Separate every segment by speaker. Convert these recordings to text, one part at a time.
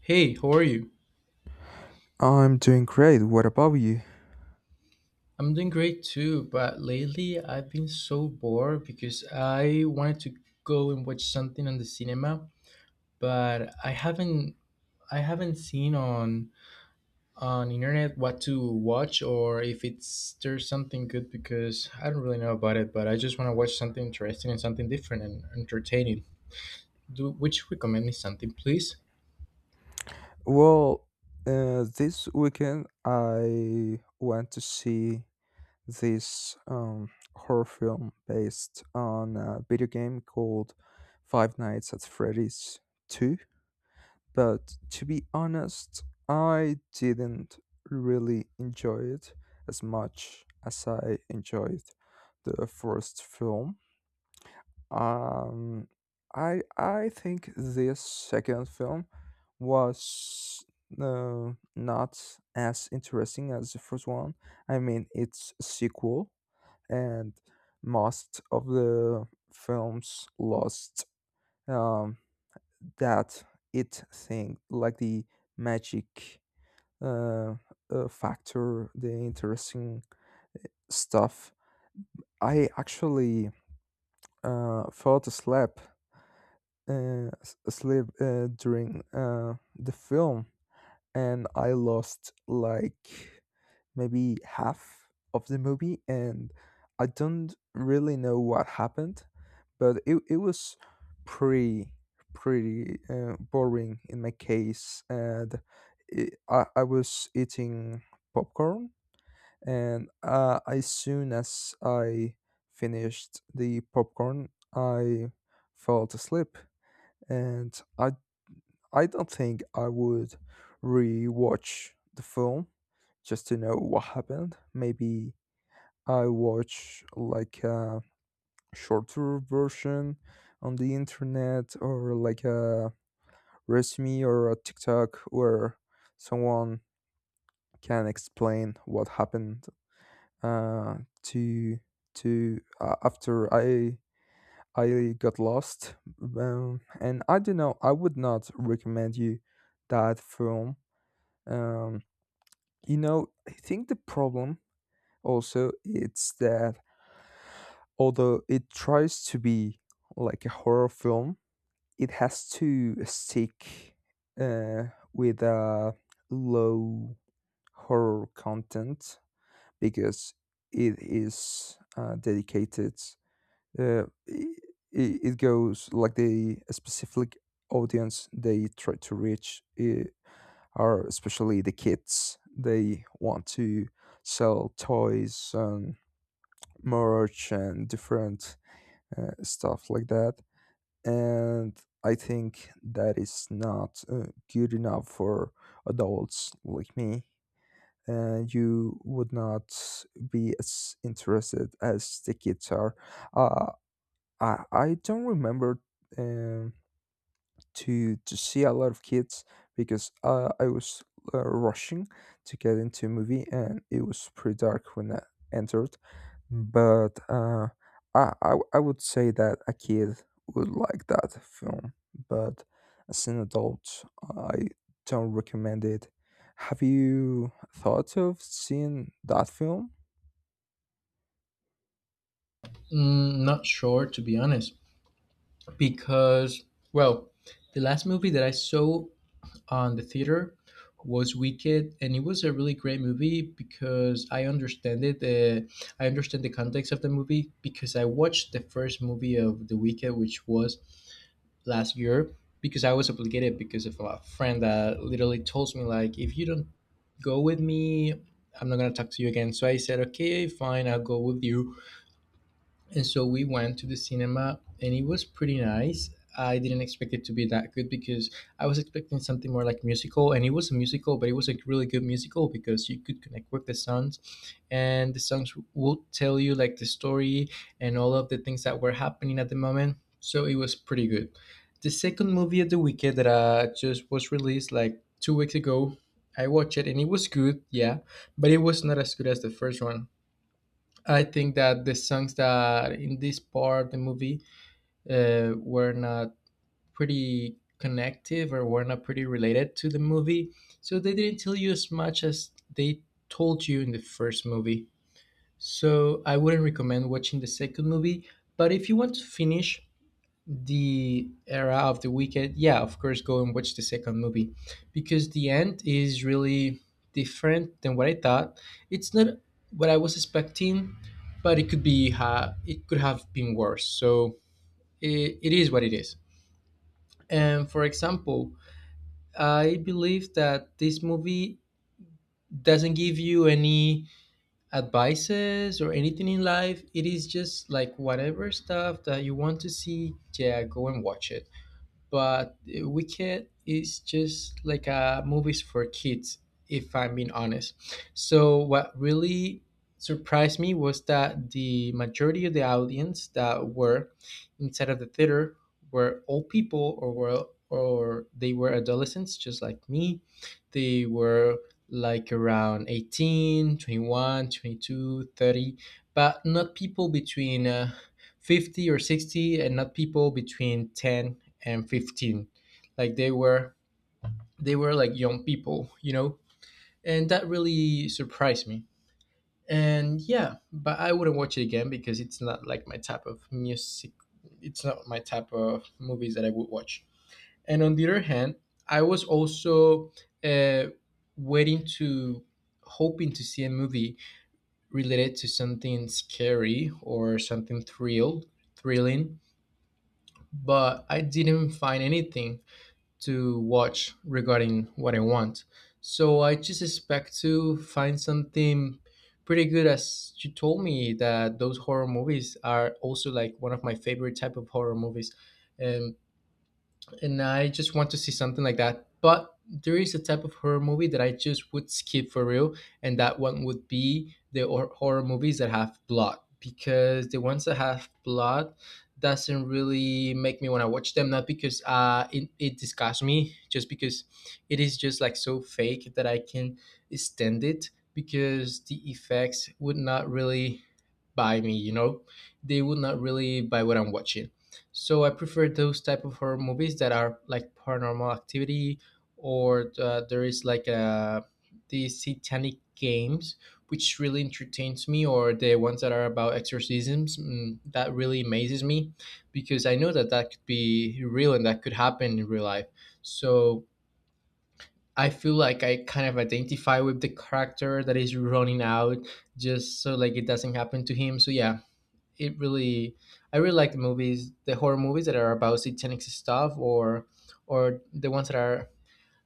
Speaker 1: Hey, how are you?
Speaker 2: I'm doing great. What about you?
Speaker 1: I'm doing great too, but lately I've been so bored because I wanted to go and watch something on the cinema, but I haven't seen on internet what to watch or if it's there's something good because I don't really know about it, but I just want to watch something interesting and something different and entertaining. Do would you recommend me something, please?
Speaker 2: Well, this weekend I went to see this horror film based on a video game called Five Nights at Freddy's 2. But to be honest, I didn't really enjoy it as much as I enjoyed the first film. Um, I think this second film was not as interesting as the first one. I mean, it's a sequel, and most of the films lost um, that it thing, like the magic uh, factor, the interesting stuff. I actually fell asleep s- sleep during the film and I lost like maybe half of the movie and I don't really know what happened, but it was pretty pretty boring in my case and I was eating popcorn and as soon as I finished the popcorn I fell asleep and I don't think I would re-watch the film just to know what happened. Maybe I watch like a shorter version on the internet or like a resume or a TikTok where someone can explain what happened uh, to to after I got lost. And I don't know. I would not recommend you that film, um you know, I think the problem also it's that although it tries to be like a horror film, it has to stick uh, with a low horror content because it is dedicated. Uh, it, it goes like the specific audience they try to reach. Are especially the kids. They want to sell toys and merch and different stuff like that. And I think that is not good enough for adults like me. You would not be as interested as the kids are. Uh, I don't remember. Um, to see a lot of kids because I was rushing to get into a movie and it was pretty dark when I entered. But I would say that a kid would like that film, but as an adult, I don't recommend it. Have you thought of seeing that film?
Speaker 1: Not sure to be honest, because well, the last movie that I saw on the theater was Wicked, and it was a really great movie because I understand it. I understand the context of the movie because I watched the first movie of The Wicked, which was last year, because I was obligated because of a friend that literally told me like, if you don't go with me, I'm not gonna talk to you again. So I said, okay, fine, I'll go with you. And so we went to the cinema and it was pretty nice. I didn't expect it to be that good because I was expecting something more like musical and it was a musical, but it was a really good musical because you could connect with the songs and the songs would tell you like the story and all of the things that were happening at the moment. So it was pretty good. The second movie of the weekend that just was released like 2 weeks ago, I watched it and it was good, yeah, but it was not as good as the first one. I think that the songs that in this part of the movie were not pretty connective or were not pretty related to the movie, so they didn't tell you as much as they told you in the first movie. So I wouldn't recommend watching the second movie. But if you want to finish the era of the Wicked, yeah, of course, go and watch the second movie because the end is really different than what I thought. It's not what I was expecting, but it could be it could have been worse. So it is what it is. And for example, I believe that this movie doesn't give you any advices or anything in life. It is just like whatever stuff that you want to see, yeah, go and watch it. But Wicked is just like a movies for kids, if I'm being honest. So what really surprised me was that the majority of the audience that were inside of the theater were old people or were or they were adolescents just like me. They were like around 18, 21, 22, 30, but not people between 50 or 60 and not people between 10 and 15, like they were like young people, you know, and that really surprised me. And yeah, but I wouldn't watch it again because it's not like my type of music. It's not my type of movies that I would watch. And on the other hand, I was also uh, waiting to hoping to see a movie related to something scary or something thrilling, but I didn't find anything to watch regarding what I want. So I just expect to find something pretty good as you told me that those horror movies are also like one of my favorite type of horror movies. And and I just want to see something like that. But there is a type of horror movie that I just would skip for real, and that one would be the horror movies that have blood because the ones that have blood doesn't really make me want to watch them. Not because it disgusts me, just because it is just like so fake that I can stand it because the effects would not really buy me. You know, they would not really buy what I'm watching. So I prefer those type of horror movies that are like Paranormal Activity, or there is like a the Satanic Games, which really entertains me, or the ones that are about exorcisms. Mm, that really amazes me, because I know that that could be real and that could happen in real life. So I feel like I kind of identify with the character that is running out, just so like it doesn't happen to him. So yeah, it really I really like the horror movies that are about satanic stuff or the ones that are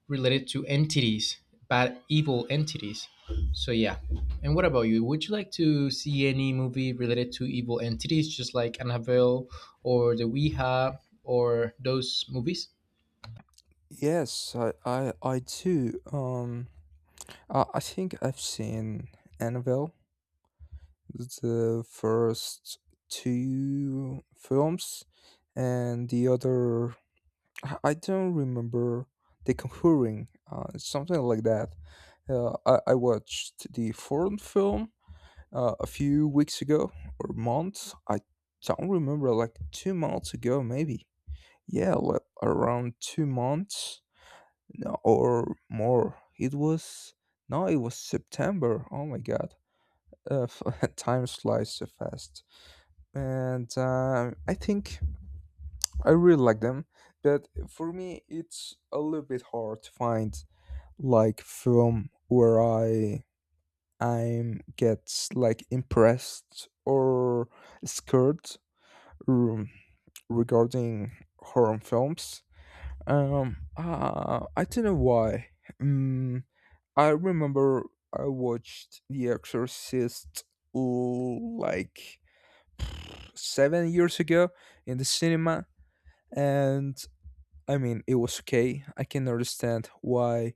Speaker 1: related to entities bad evil entities. So yeah, and what about you? Would you like to see any movie related to evil entities just like Annabelle or the Ouija or those movies?
Speaker 2: Yes, I too. I think I've seen Annabelle the first two films and the other I don't remember the Conjuring, something like that. I watched the foreign film a few weeks ago or months I don't remember, like 2 months ago maybe, yeah, like around 2 months. No, or more. It was, no it was September, oh my god. uh, Time flies so fast. And I think I really like them. But for me, it's a little bit hard to find like film where I'm get like impressed or scared, um, regarding horror films. I don't know why. Um, I remember I watched The Exorcist like 7 years ago in the cinema. And I mean, it was okay. I can understand why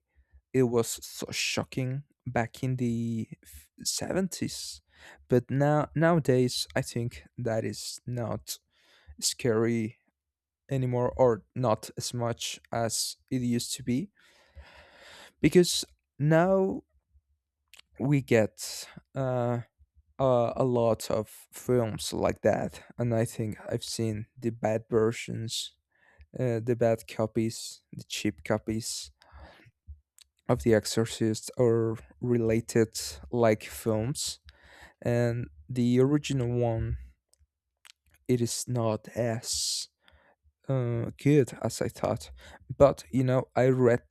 Speaker 2: it was so shocking back in the 70s. But now nowadays, I think that is not scary anymore or not as much as it used to be because now we get uh, a lot of films like that, and I think I've seen the bad versions, the bad copies, the cheap copies of The Exorcist or related like films, and the original one it is not as good as I thought. But you know, I read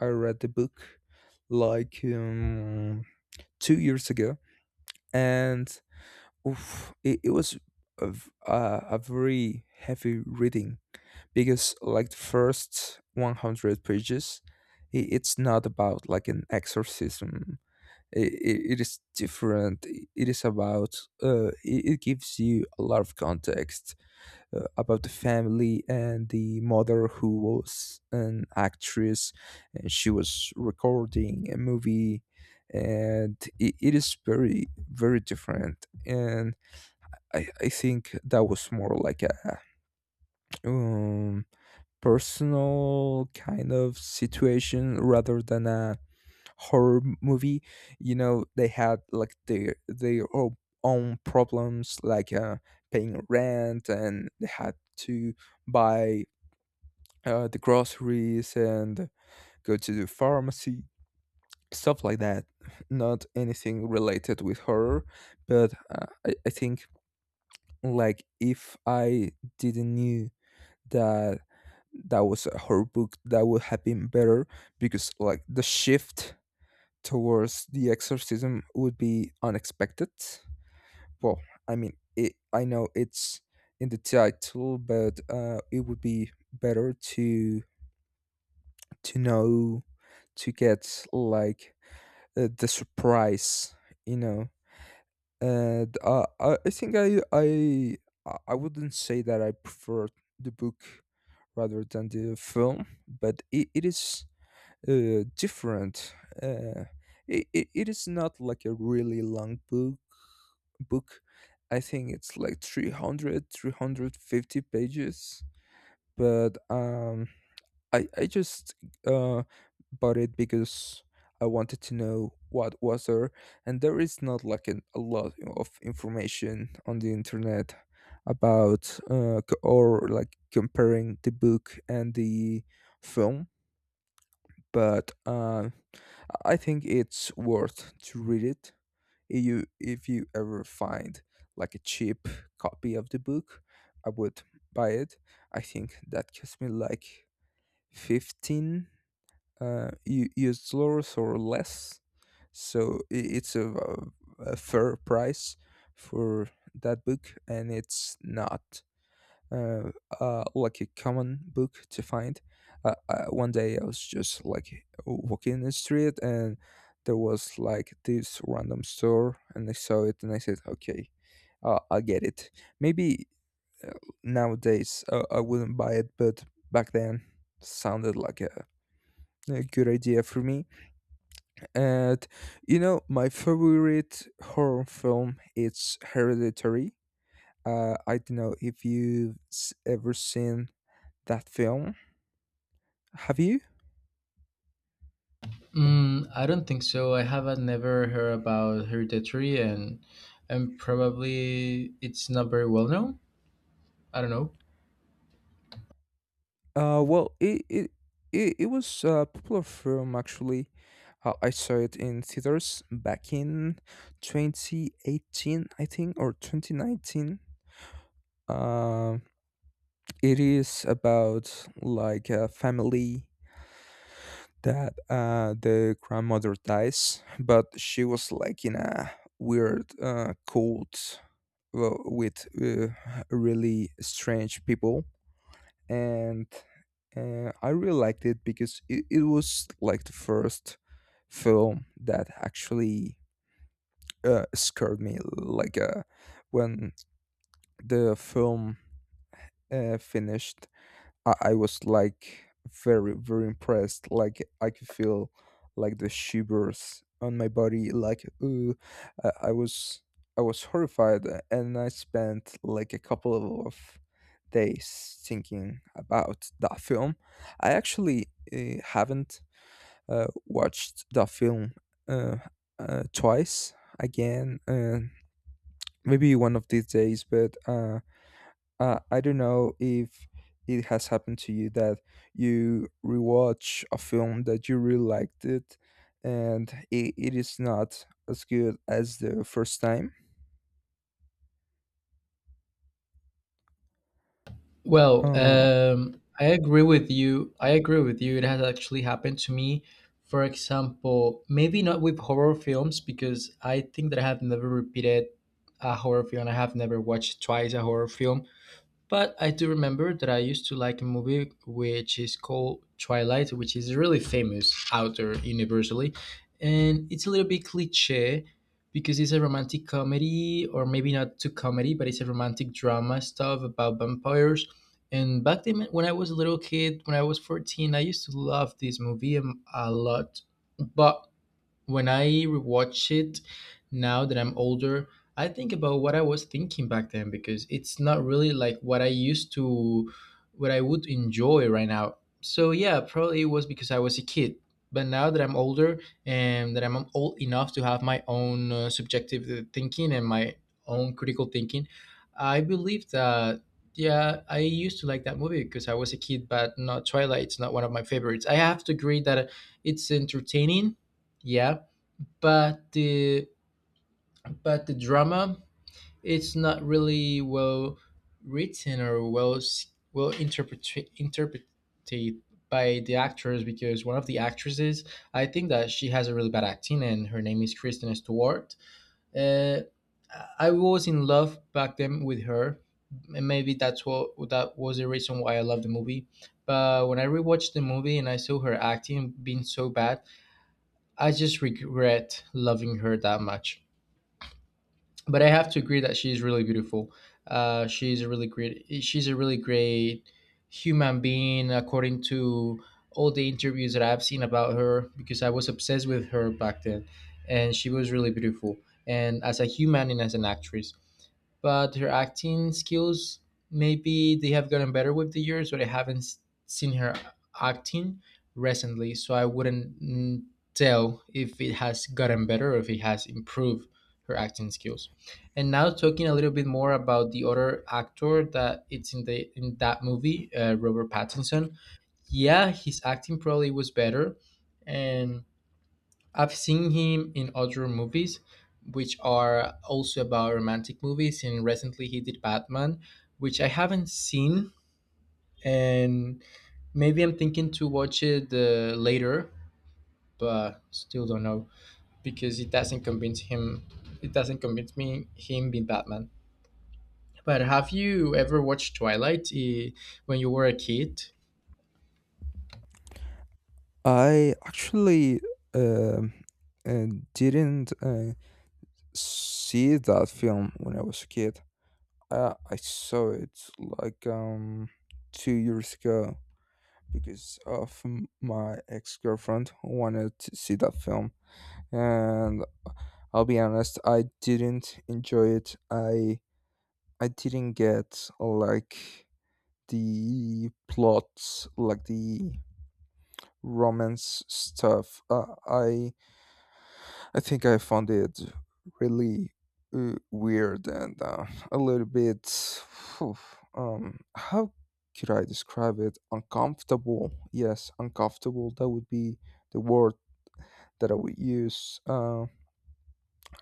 Speaker 2: I read the book like 2 years ago, and oof, it was a very heavy reading because like the first 100 pages it's not about like an exorcism. It is different. It is about, it gives you a lot of context about the family and the mother who was an actress and she was recording a movie. And it is very, very different. And I think that was more like a um, personal kind of situation rather than a horror movie. You know, they had like their own problems, like paying rent and they had to buy the groceries and go to the pharmacy, stuff like that, not anything related with horror. But I think, like, if I didn't knew that that was a horror book, that would have been better because like the shift towards the exorcism would be unexpected. Well, I mean, it, I know it's in the title, but it would be better to know, to get like the surprise, you know. And I think I wouldn't say that I prefer the book rather than the film, but it is different. Uh, it is not like a really long book. I think it's like 300, 350 pages. But I just uh, bought it because I wanted to know what was there. And there is not like an, a lot of information on the internet about or like comparing the book and the film. But I think it's worth to read it. If you ever find like a cheap copy of the book, I would buy it. I think that cost me like 15 US dollars or less, so it's a fair price for that book, and it's not uh, like a common book to find. One day I was just like walking in the street and there was like this random store and I saw it and I said, okay, I get it. Maybe uh, nowadays I wouldn't buy it, but back then sounded like a good idea for me. And you know, my favorite horror film it's Hereditary. I don't know if you've ever seen that film. Have you?
Speaker 1: I don't think so. I haven't never heard about Hereditary, and probably it's not very well known. I don't know.
Speaker 2: Well, it was a popular film actually. I saw it in theaters back in 2018, I think, or 2019. Um, it is about like a family that the grandmother dies, but she was like in a weird cult with really strange people and I really liked it because it was like the first film that actually scared me. Like when the film finished, I was like very, very impressed. Like I could feel like the shivers on my body. Like ooh, I, I was I was horrified, and I spent like a couple of days thinking about that film. I actually haven't watched the film uh, twice again, maybe one of these days, but I don't know if it has happened to you that you rewatch a film that you really liked it and it is not as good as the first time.
Speaker 1: Well,
Speaker 2: Uh,
Speaker 1: I agree with you. I agree with you. It has actually happened to me. For example, maybe not with horror films because I think that I have never repeated a horror film. I have never watched twice a horror film. But I do remember that I used to like a movie which is called Twilight, which is really famous out there universally. And it's a little bit cliche because it's a romantic comedy, or maybe not too comedy, but it's a romantic drama stuff about vampires. And back then, when I was a little kid, when I was 14, I used to love this movie a lot. But when I rewatch it now that I'm older, I think about what I was thinking back then because it's not really like what I used to, what I would enjoy right now. So yeah, probably it was because I was a kid. But now that I'm older and that I'm old enough to have my own subjective thinking and my own critical thinking, I believe that yeah, I used to like that movie because I was a kid. But not Twilight; it's not one of my favorites. I have to agree that it's entertaining, yeah, but the but the drama it's not really well written or well well interpreted by the actors because one of the actresses I think that she has a really bad acting and her name is Kristen Stewart. Uh, I was in love back then with her. And maybe that was the reason why I loved the movie. But when I rewatched the movie and I saw her acting being so bad, I just regret loving her that much. But I have to agree that she's really beautiful. She's a really great human being, according to all the interviews that I've seen about her. Because I was obsessed with her back then, and she was really beautiful. And as a human and as an actress but her acting skills maybe they have gotten better with the years, but I haven't seen her acting recently, so I wouldn't tell if it has gotten better or if it has improved her acting skills. And now talking a little bit more about the other actor that it's in the in that movie, Robert Pattinson. Yeah, his acting probably was better, and I've seen him in other movies, which are also about romantic movies, and recently he did Batman, which I haven't seen, and maybe I'm thinking to watch it later, but still don't know because it doesn't convince him. It doesn't convince me him being Batman. But have you ever watched Twilight when you were a kid?
Speaker 2: I actually, um, uh, didn't. See that film when I was a kid. I saw it like 2 years ago because of my ex girlfriend wanted to see that film, and I'll be honest, I didn't enjoy it. I didn't get like the plots, like the romance stuff. I think I found it really weird and a little bit, phew, how could I describe it? Uncomfortable. Yes, uncomfortable. That would be the word that I would use. Uh,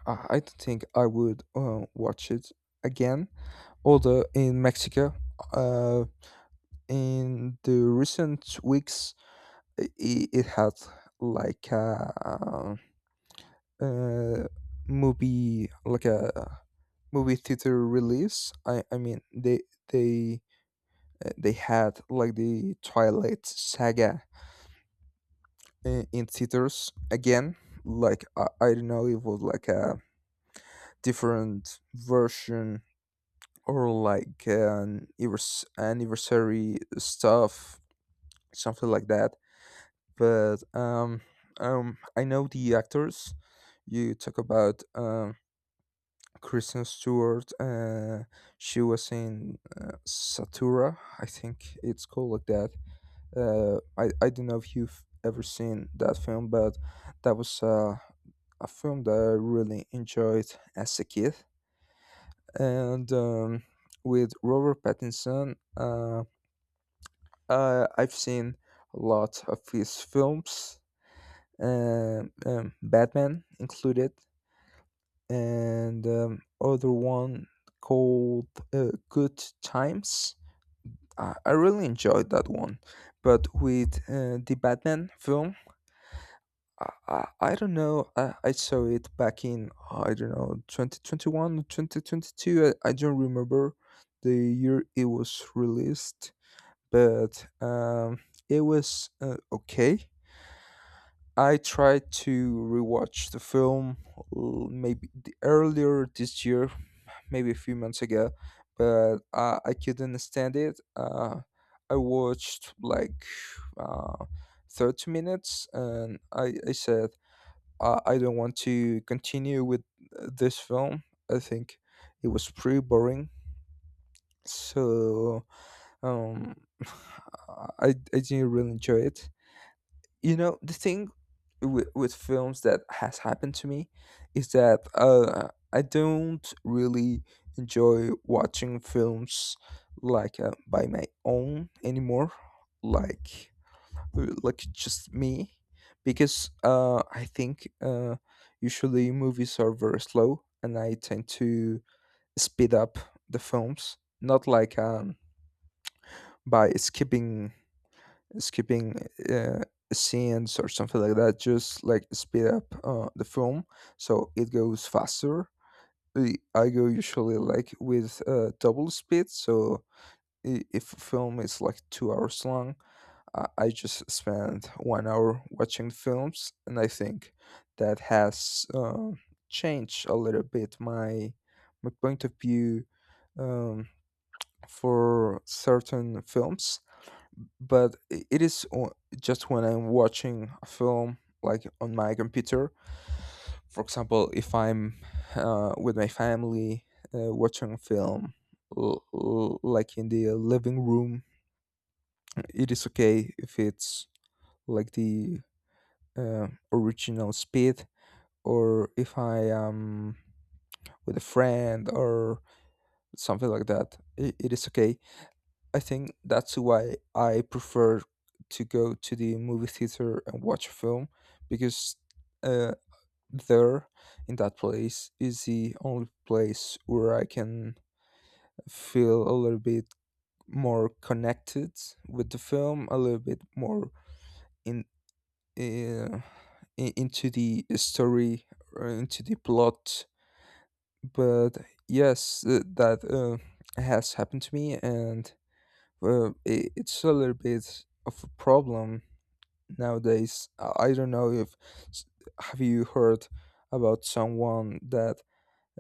Speaker 2: I I don't think I would watch it again. Although in Mexico, uh, in the recent weeks, it had like uh, uh, movie, like a movie theater release. I mean they they had like the Twilight Saga in theaters again. Like I don't know, it was like a different version or like an anniversary stuff, something like that. But I know the actors. You talk about Kristen Stewart. She was in Satura, I think it's called like that. I don't know if you've ever seen that film, but that was a film that I really enjoyed as a kid. And with Robert Pattinson, I've seen a lot of his films, Batman included. And other one called Good Times. I really enjoyed that one, but with the Batman film, I don't know. I saw it back in, I don't know, 2021, 2022. I don't remember the year it was released, but it was okay. I tried to rewatch the film maybe the earlier this year, maybe a few months ago, but I couldn't stand it. I watched like uh, 30 minutes and I said, I don't want to continue with this film. I think it was pretty boring. So um, I didn't really enjoy it. The thing with films that has happened to me is that I don't really enjoy watching films like by my own anymore, like like just me, because I think usually movies are very slow, and I tend to speed up the films, not like by skipping uh, scenes or something like that, just like speed up the film so it goes faster. I go usually like with double speed, so if a film is like 2 hours long, I just spend 1 hour watching films. And I think that has uh, changed a little bit my my point of view um, for certain films. But it is just when I'm watching a film like on my computer. For example, if I'm with my family watching a film like in the living room, it is okay if it's like the original speed, or if I am with a friend or something like that. I it is okay. I think that's why I prefer to go to the movie theater and watch a film, because uh, there, in that place, is the only place where I can feel a little bit more connected with the film, a little bit more in uh, into the story, or into the plot. But yes, that has happened to me. And well, it's a little bit of a problem nowadays. I don't know if s- have you heard about someone that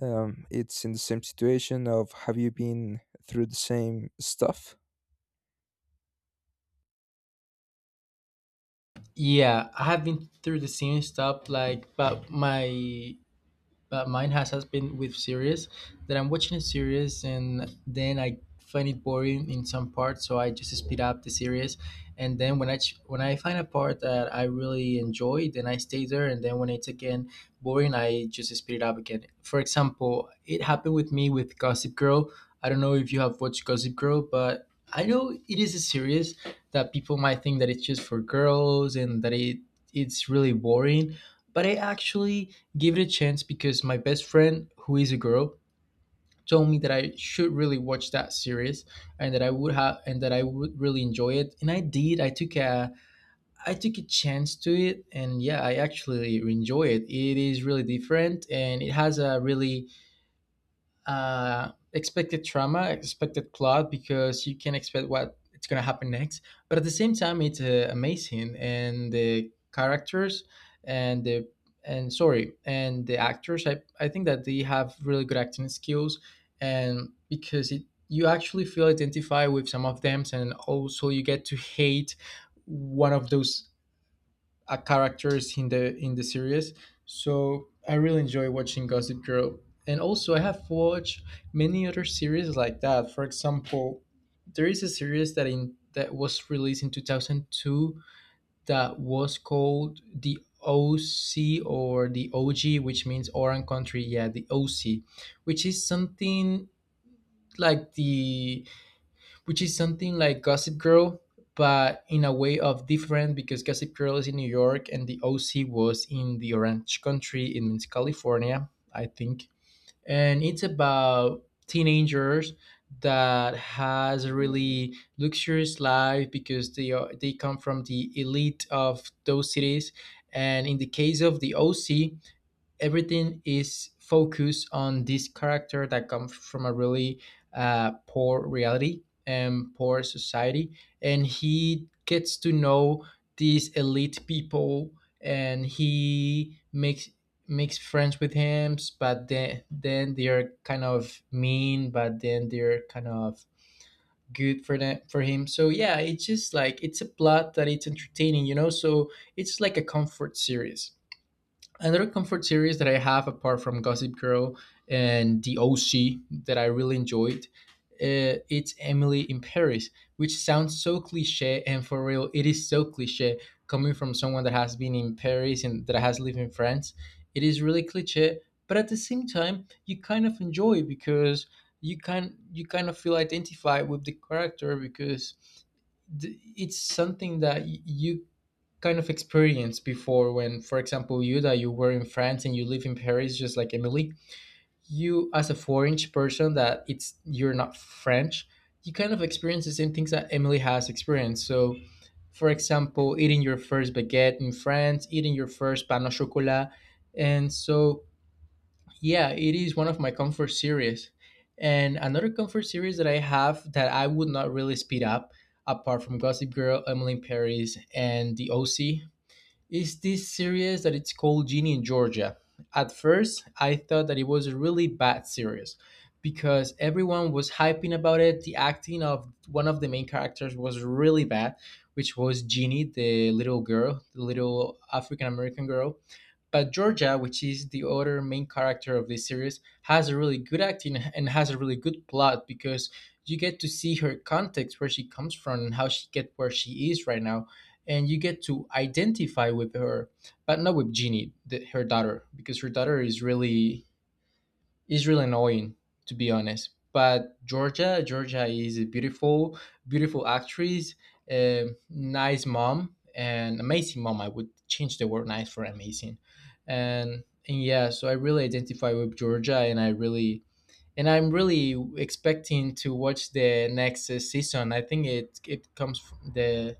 Speaker 2: it's in the same situation, of have you been through the same stuff?
Speaker 1: Yeah, I have been through the same stuff, like, but my but mine has been with series that I'm watching a series and then I find it boring in some parts, so I just speed up the series. And then when I find a part that I really enjoy, then I stay there. And then when it's again boring, I just speed it up again. For example, it happened with me with Gossip Girl. I don't know if you have watched Gossip Girl, but I know it is a series that people might think that it's just for girls and that it's really boring, but I actually give it a chance because my best friend, who is a girl, told me that I should really watch that series and that I would have and that I would really enjoy it. And I did. I took a chance to it and yeah, I actually enjoy it. It is really different and it has a really expected trauma, expected plot because you can expect what it's gonna happen next. But at the same time, it's amazing, and the characters and the and sorry and the actors, I think that they have really good acting skills, and because it you actually feel identified with some of them, and also you get to hate one of those characters in the series. So I really enjoy watching Gossip Girl, and also I have watched many other series like that. For example, there is a series that in that was released in 2002 that was called the OC or the OG, which means Orange Country. Yeah, the OC, which is something like the which is something like Gossip Girl, but in a way of different because Gossip Girl is in New York and the OC was in the Orange Country in Means California, I think. And it's about teenagers that has a really luxurious life because they come from the elite of those cities. And in the case of the OC, everything is focused on this character that comes from a really poor reality and poor society, and he gets to know these elite people, and he makes friends with him, but then they're kind of mean, but then they're kind of good for them for him. So yeah, it's just like it's a plot that it's entertaining, so it's like a comfort series, another comfort series that I have apart from Gossip Girl and The OC that I really enjoyed. It's Emily in Paris, which sounds so cliche, and for real, it is so cliche coming from someone that has been in Paris and that has lived in France. It is really cliche, but at the same time, you kind of enjoy it because you kind of feel identified with the character because it's something that you kind of experience before when, for example, you were in France and you live in Paris just like Emily. You, as a foreign person that it's you're not French, you kind of experience the same things that Emily has experienced. So for example, eating your first baguette in France, eating your first pan au chocolat, and so yeah, it is one of my comfort series. And another comfort series that I have that I would not really speed up apart from Gossip Girl, Emily in Paris, and The OC is this series that it's called Ginny in Georgia. At first, I thought that it was a really bad series because everyone was hyping about it. The acting of one of the main characters was really bad, which was Ginny, the little girl, the little African American girl. But Georgia, which is the other main character of this series, has a really good acting and has a really good plot because you get to see her context, where she comes from, and how she get where she is right now, and you get to identify with her, but not with Jeannie, the, her daughter, because her daughter is really it's really annoying, to be honest. But Georgia, Georgia is a beautiful, beautiful actress, a nice mom, and amazing mom. I would change the word nice for amazing. And yeah, so I really identify with Georgia, and I'm really expecting to watch the next season. I think it comes from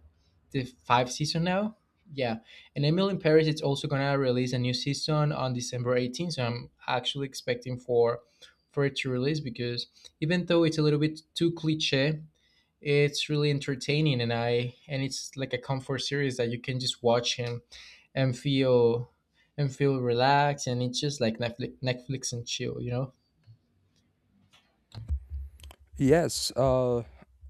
Speaker 1: the five season now. Yeah, and Emily in Paris it's also gonna release a new season on December 18th. So I'm actually expecting for it to release because even though it's a little bit too cliche, it's really entertaining, and it's like a comfort series that you can just watch and and feel feel relaxed. And it's just like Netflix and chill, you know.
Speaker 2: Yes. Uh,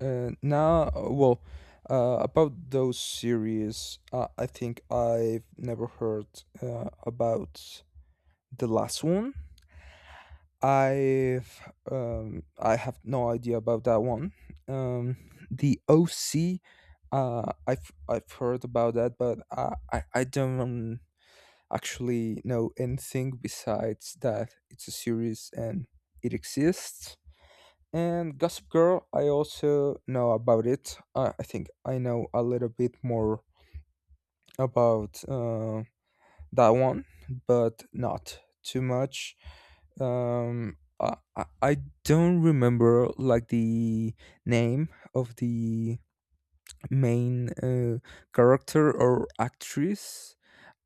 Speaker 2: uh, Now, well, about those series, I think I've never heard about the last one. I have no idea about that one. Um, the OC, I've heard about that, but I don't actually know anything besides that it's a series and it exists. And Gossip Girl, I also know about it. I think I know a little bit more about. That one, but not too much. I don't remember like the name of the main character or actress.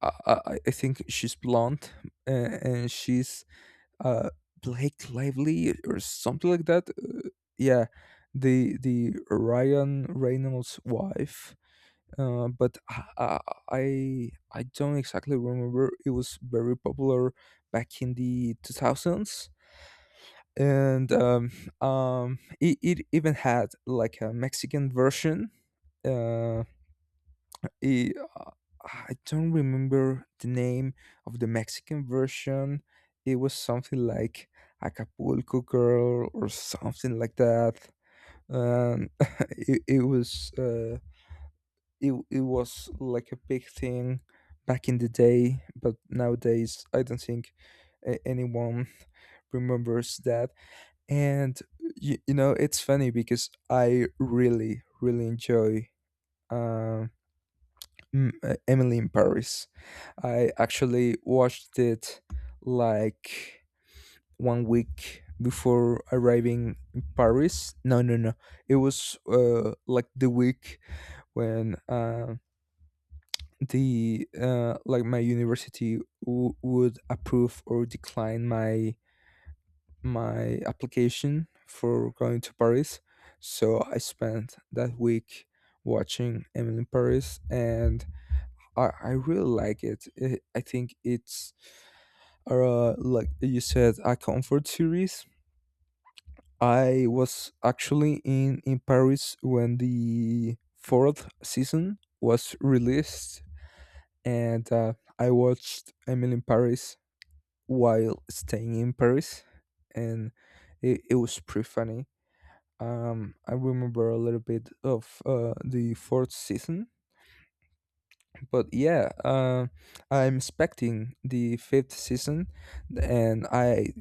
Speaker 2: I think she's blonde and she's uh, Blake Lively or something like that. Yeah, the Ryan Reynolds' wife. But I don't exactly remember. It was very popular back in the 2000s, and it even had like a Mexican version. Uh, it, uh, I don't remember the name of the Mexican version. It was something like Acapulco Girl or something like that. Um, it, it was. Uh, it was like a big thing back in the day, but nowadays I don't think anyone remembers that. And you know, it's funny because I really enjoy um Emily in Paris. I actually watched it like one week before arriving in Paris. No. It was like the week when the like my university would approve or decline my my application for going to Paris. So I spent that week watching Emily in Paris, and I really like it. I think it's like you said, a comfort series. I was actually in Paris when the fourth season was released, and I watched Emily in Paris while staying in Paris, and it was pretty funny. I remember a little bit of the fourth season, but yeah, I'm expecting the fifth season, and I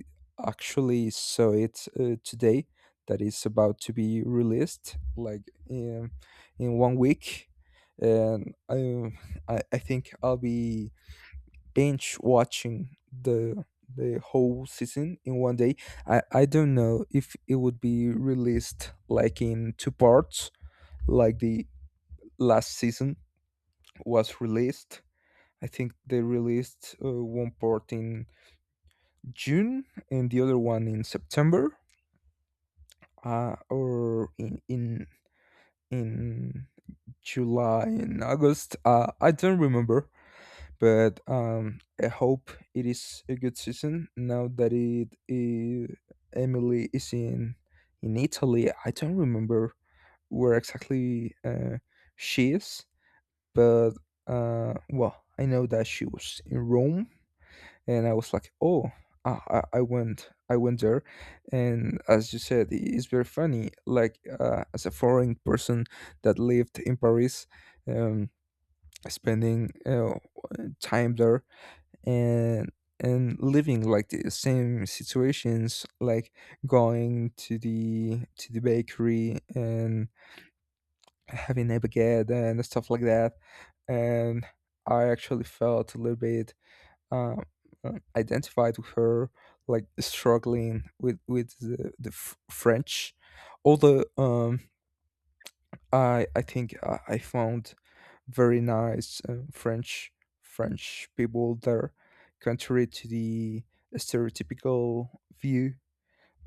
Speaker 2: actually saw it today. That is about to be released, like in one week, and I think I'll be binge watching the whole season in one day. I don't know if it would be released like in two parts, like the last season was released. I think they released one part in June and the other one in September, or in July and August. I don't remember. But I hope it is a good season now that it Emily is in Italy. I don't remember where exactly she is, but well, I know that she was in Rome, and I was like, oh, I went there, and as you said, it's very funny. Like as a foreign person that lived in Paris, um, spending time there and and living like the same situations, like going to the bakery and having a baguette and stuff like that. And I actually felt a little bit um, identified with her, like struggling with the, french. Although I found very nice French people there, contrary to the stereotypical view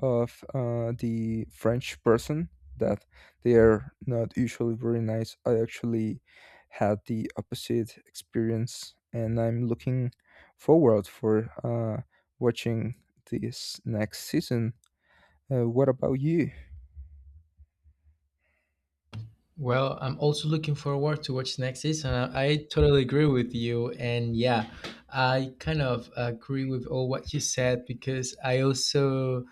Speaker 2: of the French person, that they are not usually very nice. I actually had the opposite experience, and I'm looking forward for watching this next season. What about you?
Speaker 1: Well, I'm also looking forward to what's next season. I totally agree with you, and yeah, I kind of agree with all what you said because I also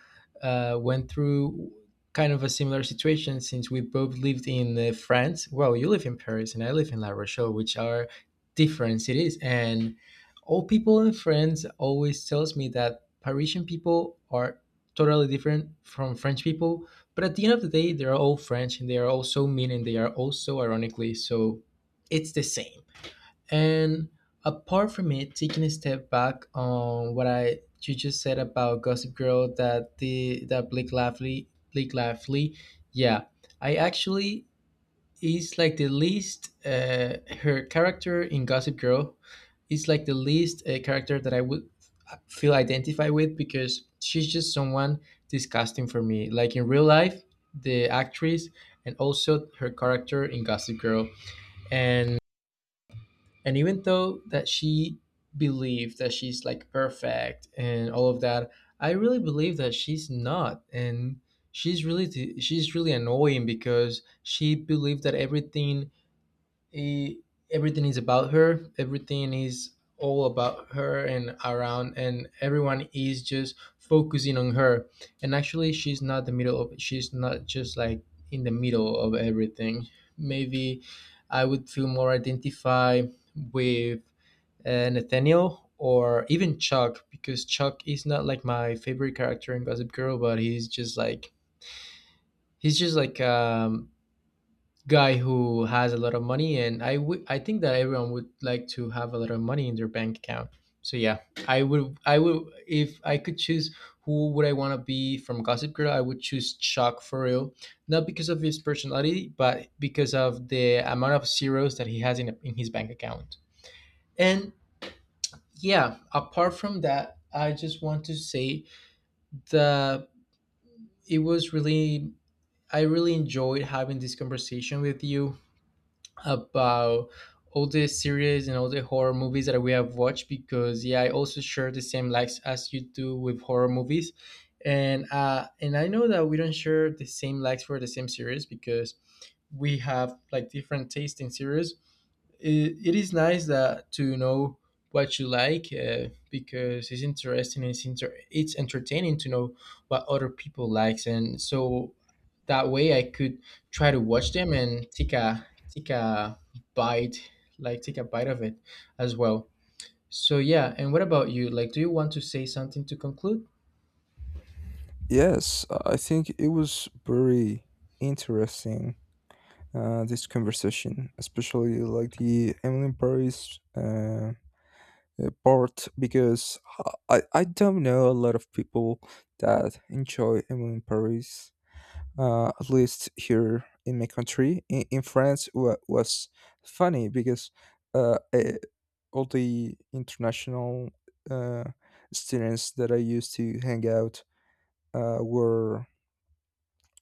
Speaker 1: went through kind of a similar situation since we both lived in France. Well, you live in Paris, and I live in La Rochelle, which are different cities, and all people in France always tells me that Parisian people are totally different from French people, but at the end of the day, they're all French and they are all so mean and they are all so ironically so it's the same. And apart from it, taking a step back on what I you just said about Gossip Girl that the that Blake Lively, yeah. I actually is like the least her character in Gossip Girl is like the least character that I would feel identified with because she's just someone disgusting for me. Like in real life, the actress and also her character in Gossip Girl, and and even though that she believed that she's like perfect and all of that, I really believe that she's not. And she's really annoying because she believed that everything e- everything is about her, everything is all about her and around, and everyone is just focusing on her. And actually she's not the middle of she's not just like in the middle of everything. Maybe I would feel more identified with Nathaniel or even Chuck because Chuck is not like my favorite character in Gossip Girl, but he's just like guy who has a lot of money. And I think that everyone would like to have a lot of money in their bank account. So yeah, I would, if I could choose who would I want to be from Gossip Girl, I would choose Chuck for real. Not because of his personality, but because of the amount of zeros that he has in his bank account. And yeah, apart from that, I just want to say that it was really I really enjoyed having this conversation with you about all the series and all the horror movies that we have watched, because yeah, I also share the same likes as you do with horror movies. And I know that we don't share the same likes for the same series because we have like different taste in series. It is nice that to know what you like, because it's interesting and it's, it's entertaining to know what other people likes, and so that way I could try to watch them and take a take a bite, like take a bite of it as well. So yeah, and what about you? Like, do you want to say something to conclude?
Speaker 2: Yes, I think it was very interesting, this conversation, especially like the Emily in Paris part, because I don't know a lot of people that enjoy Emily in Paris, at least here in my country. In France, wa was funny because uh, eh, all the international uh, students that I used to hang out uh, were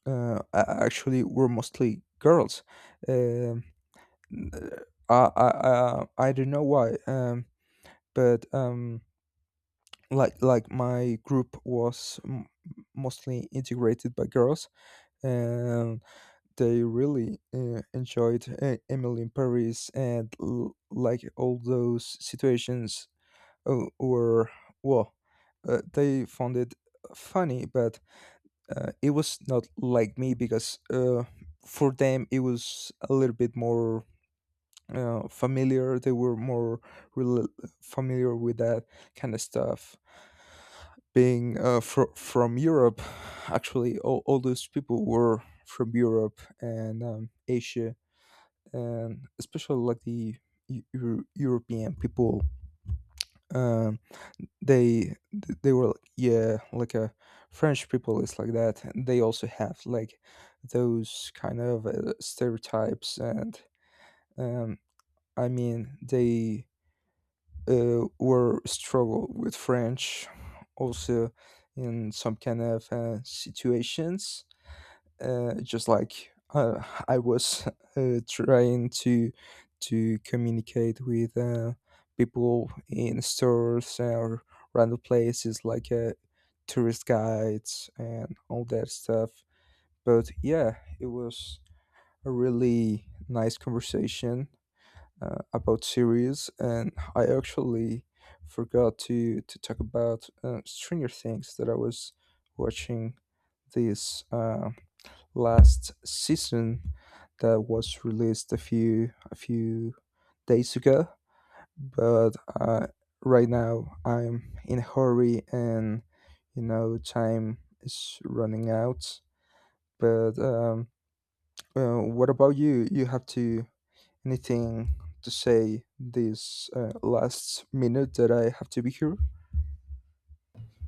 Speaker 2: actually were mostly girls. Um I don't know why. But like my group was mostly integrated by girls, and they really enjoyed Emily in Paris, and like all those situations were well, they found it funny. But it was not like me, because for them it was a little bit more familiar. They were more rel familiar with that kind of stuff. Being from Europe, actually, all those people were from Europe and Asia, and especially like the European people. Um, they were like, yeah, like a French people is like that. And they also have like those kind of stereotypes. And um, I mean they were struggle with French also in some kind of situations, just like I was trying to communicate with people in stores or random places, like tourist guides and all that stuff. But yeah, it was a really nice conversation about series, and I actually forgot to talk about Stranger Things that I was watching this last season, that was released a few days ago. But uh, right now I'm in a hurry, and you know time is running out. But what about you? You have to Anything to say this last minute that I have to be here?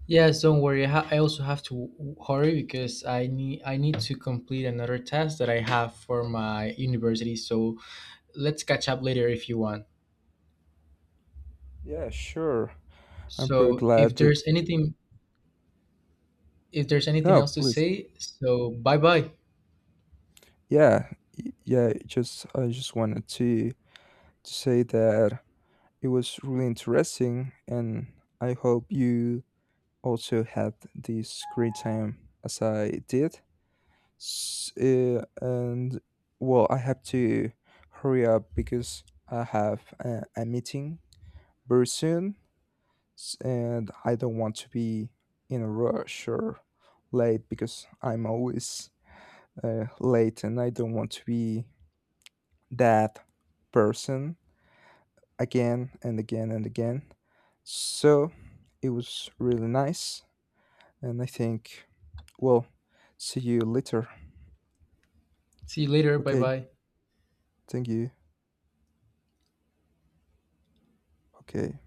Speaker 1: Yes, don't worry. I also have to hurry because I need to complete another task that I have for my university. So let's catch up later if you want.
Speaker 2: Yeah, sure. I'm pretty
Speaker 1: So if
Speaker 2: glad that.
Speaker 1: there's anything
Speaker 2: No,
Speaker 1: else to
Speaker 2: please.
Speaker 1: say, so bye bye.
Speaker 2: Yeah, yeah. Just I just wanted to say that it was really interesting, and I hope you also had this great time as I did. And well, I have to hurry up because I have a meeting very soon. And I don't want to be in a rush or late, because I'm always late, and I don't want to be that person again and again and again. So it was really nice, and I think, well, see you later.
Speaker 1: See you later. Bye
Speaker 2: Okay,
Speaker 1: bye.
Speaker 2: thank you. Okay.